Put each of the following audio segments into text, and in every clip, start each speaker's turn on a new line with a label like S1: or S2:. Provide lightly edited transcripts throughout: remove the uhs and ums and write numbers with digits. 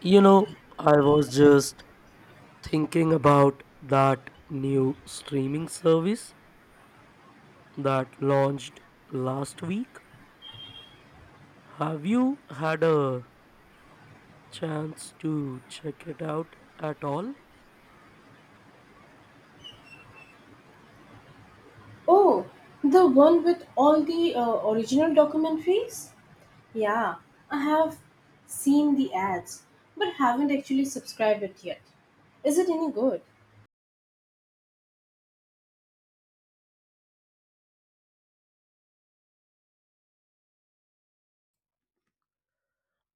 S1: You know, I was just thinking about that new streaming service that launched last week. Have you had a chance to check it out at all?
S2: Oh, the one with all the original documentaries? Yeah, I have seen the ads, but haven't actually subscribed it yet. Is it any good?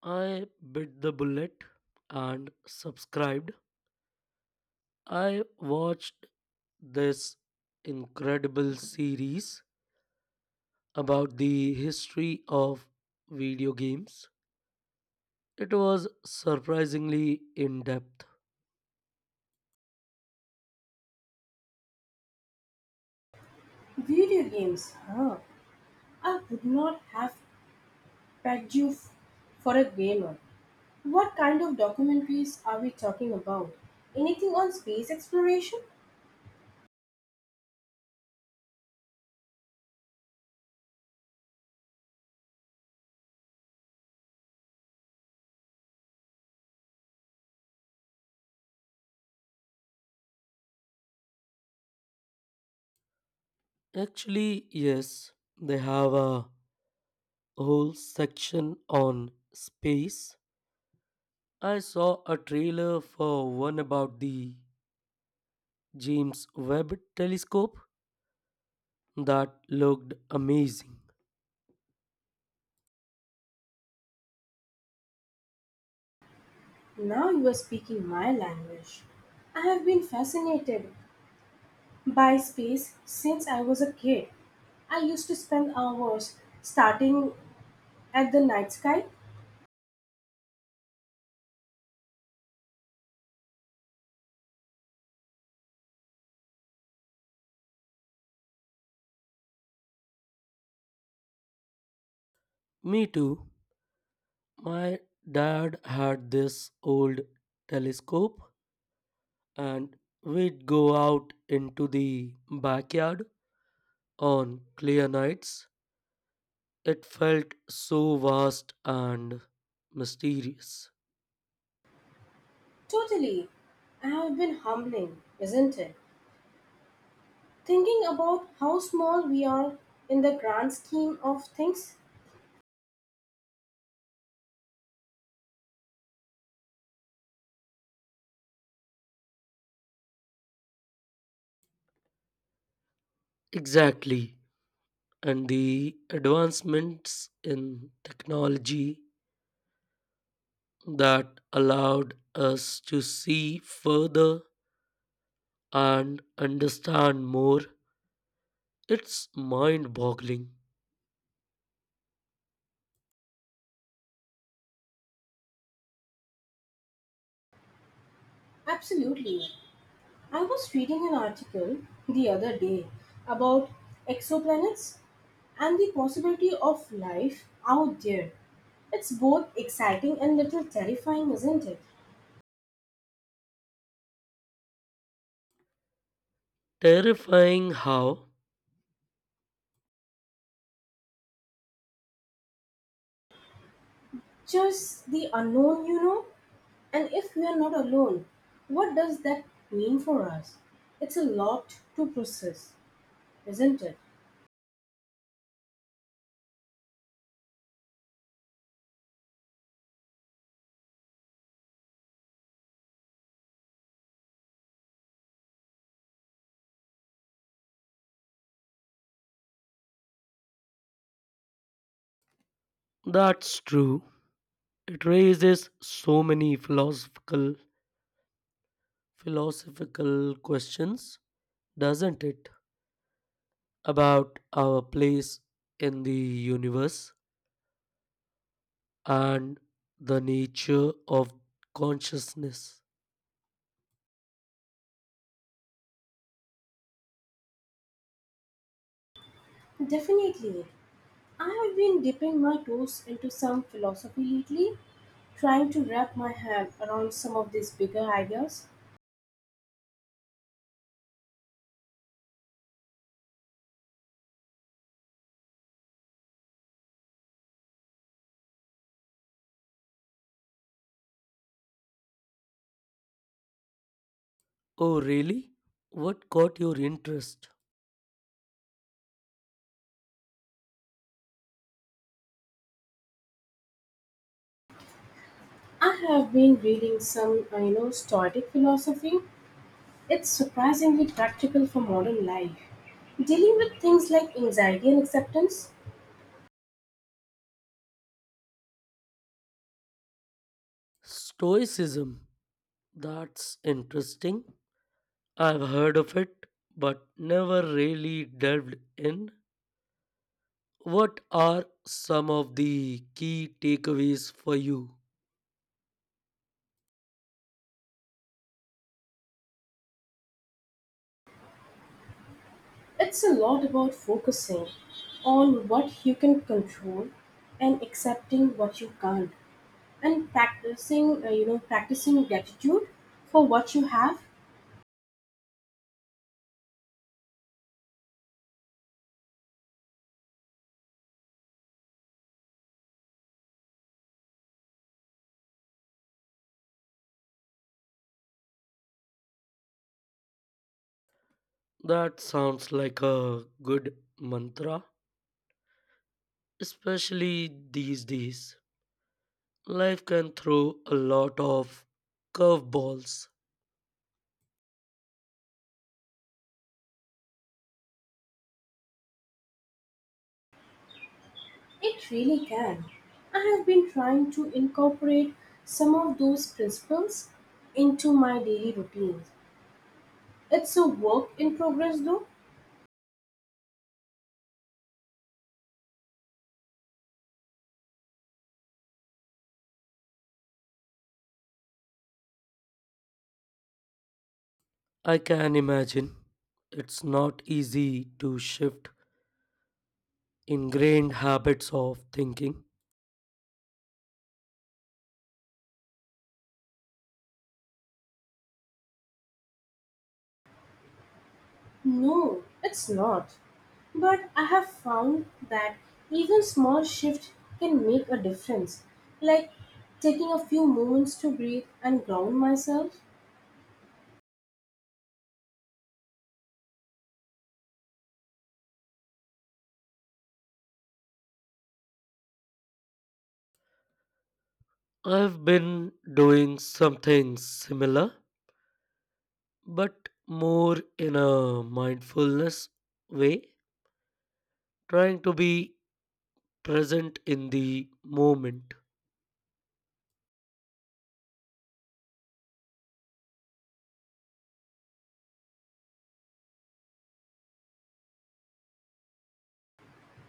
S1: I bit the bullet and subscribed. I watched this incredible series about the history of video games. It was surprisingly in depth.
S2: Video games, huh? I would not have pegged you f- for a gamer. What kind of documentaries are we talking about? Anything on space exploration?
S1: Actually, yes, they have a whole section on space. I saw a trailer for one about the James Webb telescope that looked amazing.
S2: Now you are speaking my language. I have been fascinated by space, since I was a kid, I used to spend hours starting at the night sky.
S1: Me too. My dad had this old telescope, and we'd go out into the backyard on clear nights. It felt so vast and mysterious.
S2: Totally. I have been humbling, isn't it? Thinking about how small we are in the grand scheme of things.
S1: Exactly. And the advancements in technology that allowed us to see further and understand more. It's mind boggling.
S2: Absolutely. I was reading an article the other day about exoplanets and the possibility of life out there. It's both exciting and little terrifying, isn't it?
S1: Terrifying how?
S2: Just the unknown, And if we are not alone, what does that mean for us? It's a lot to process, isn't it?
S1: That's true. It raises so many philosophical questions, doesn't it? About our place in the universe and the nature of consciousness.
S2: Definitely. I have been dipping my toes into some philosophy lately, trying to wrap my head around some of these bigger ideas.
S1: Oh, really? What caught your interest?
S2: I have been reading some, Stoic philosophy. It's surprisingly practical for modern life, dealing with things like anxiety and acceptance.
S1: Stoicism. That's interesting. I've heard of it, but never really delved in. What are some of the key takeaways for you?
S2: It's a lot about focusing on what you can control and accepting what you can't, and practicing practicing gratitude for what you have.
S1: That sounds like a good mantra, especially these days. Life can throw a lot of curveballs.
S2: It really can. I have been trying to incorporate some of those principles into my daily routines. It's a work in progress though.
S1: I can imagine it's not easy to shift ingrained habits of thinking.
S2: No, it's not. But I have found that even small shift can make a difference. Like taking a few moments to breathe and ground myself.
S1: I've been doing something similar, but more in a mindfulness way, trying to be present in the moment.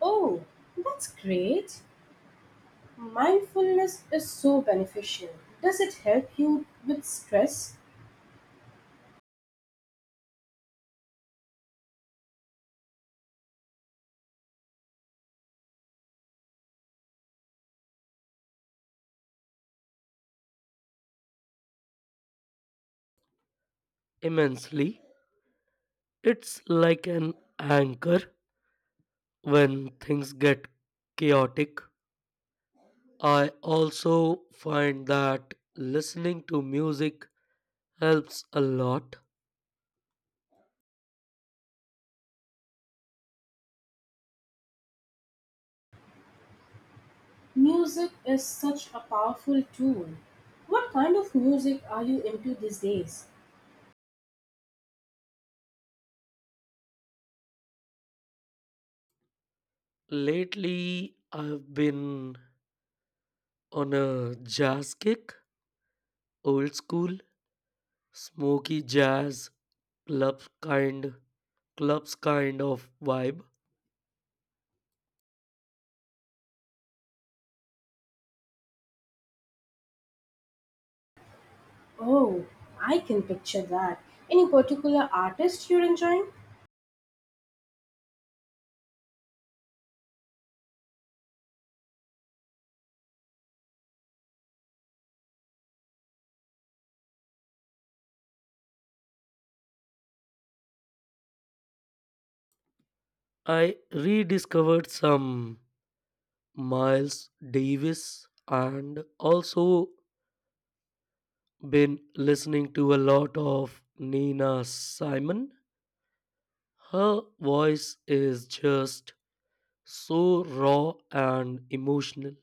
S2: Oh, that's great. Mindfulness is so beneficial. Does it help you with stress?
S1: Immensely. It's like an anchor when things get chaotic. I also find that listening to music helps a lot.
S2: Music is such a powerful tool. What kind of music are you into these days?
S1: Lately, I've been on a jazz kick, old school, smoky jazz, club kind, clubs kind of vibe.
S2: Oh, I can picture that. Any particular artist you're enjoying?
S1: I rediscovered some Miles Davis and also been listening to a lot of Nina Simon. Her voice is just so raw and emotional.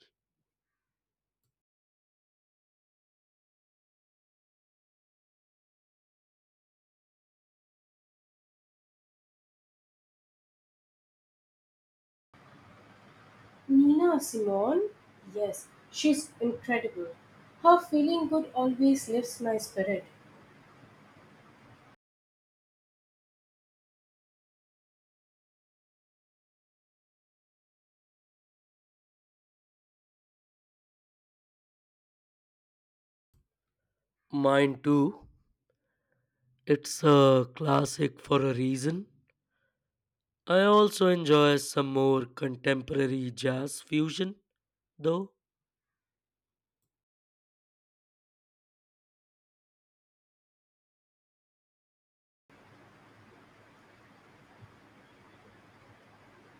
S2: Nina Simone? Yes, she's incredible. Her feeling good always lifts my spirit.
S1: Mine too. It's a classic for a reason. I also enjoy some more contemporary jazz fusion, though.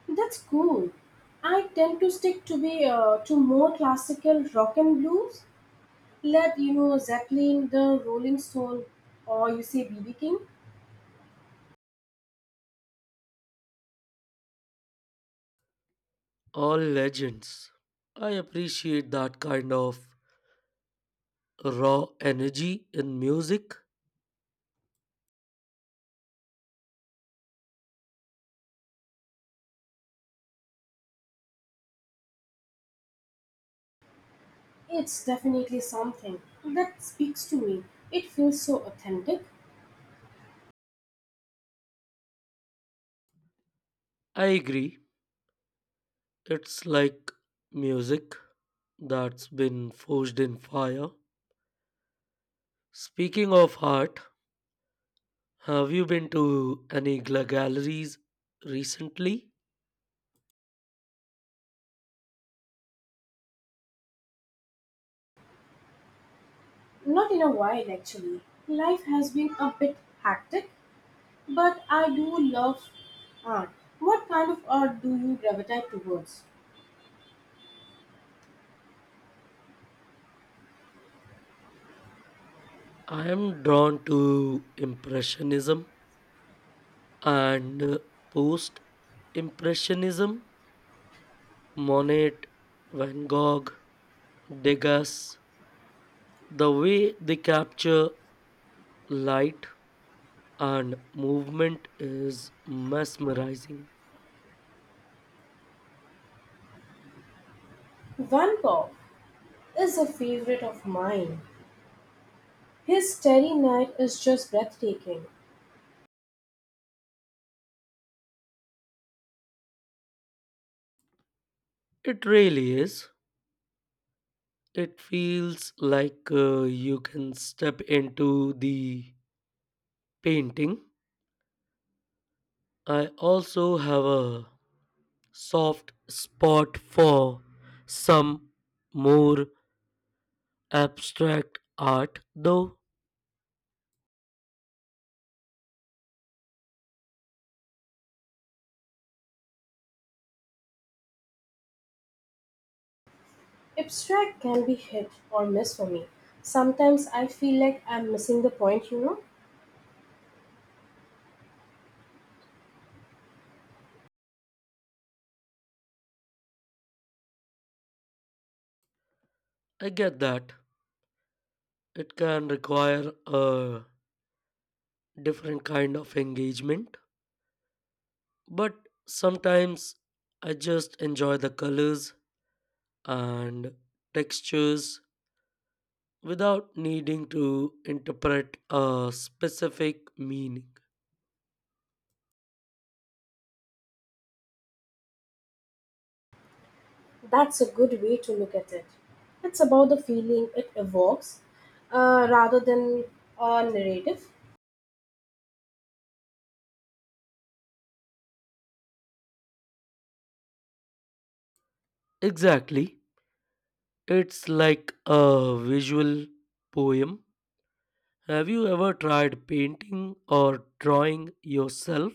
S2: That's cool. I tend to stick to more classical rock and blues, let you know Zeppelin, the Rolling Stone, or you say BB King.
S1: All legends. I appreciate that kind of raw energy in music.
S2: It's definitely something that speaks to me. It feels so authentic.
S1: I agree, it's like music that's been forged in fire. Speaking of art, have you been to any galleries recently?
S2: Not in a while actually. Life has been a bit hectic, but I do love art. What kind of art do you gravitate towards?
S1: I am drawn to Impressionism and Post Impressionism: Monet, Van Gogh, Degas. The way they capture light and movement is mesmerizing.
S2: Van Gogh is a favorite of mine. His Starry Night is just breathtaking.
S1: It really is. It feels like you can step into the painting. I also have a soft spot for some more abstract art, though.
S2: Abstract can be hit or miss for me. Sometimes I feel like I'm missing the point,
S1: I get that it can require a different kind of engagement, but sometimes I just enjoy the colors and textures without needing to interpret a specific meaning.
S2: That's a good way to look at it. It's about the feeling it evokes, rather than a narrative.
S1: Exactly. It's like a visual poem. Have you ever tried painting or drawing yourself?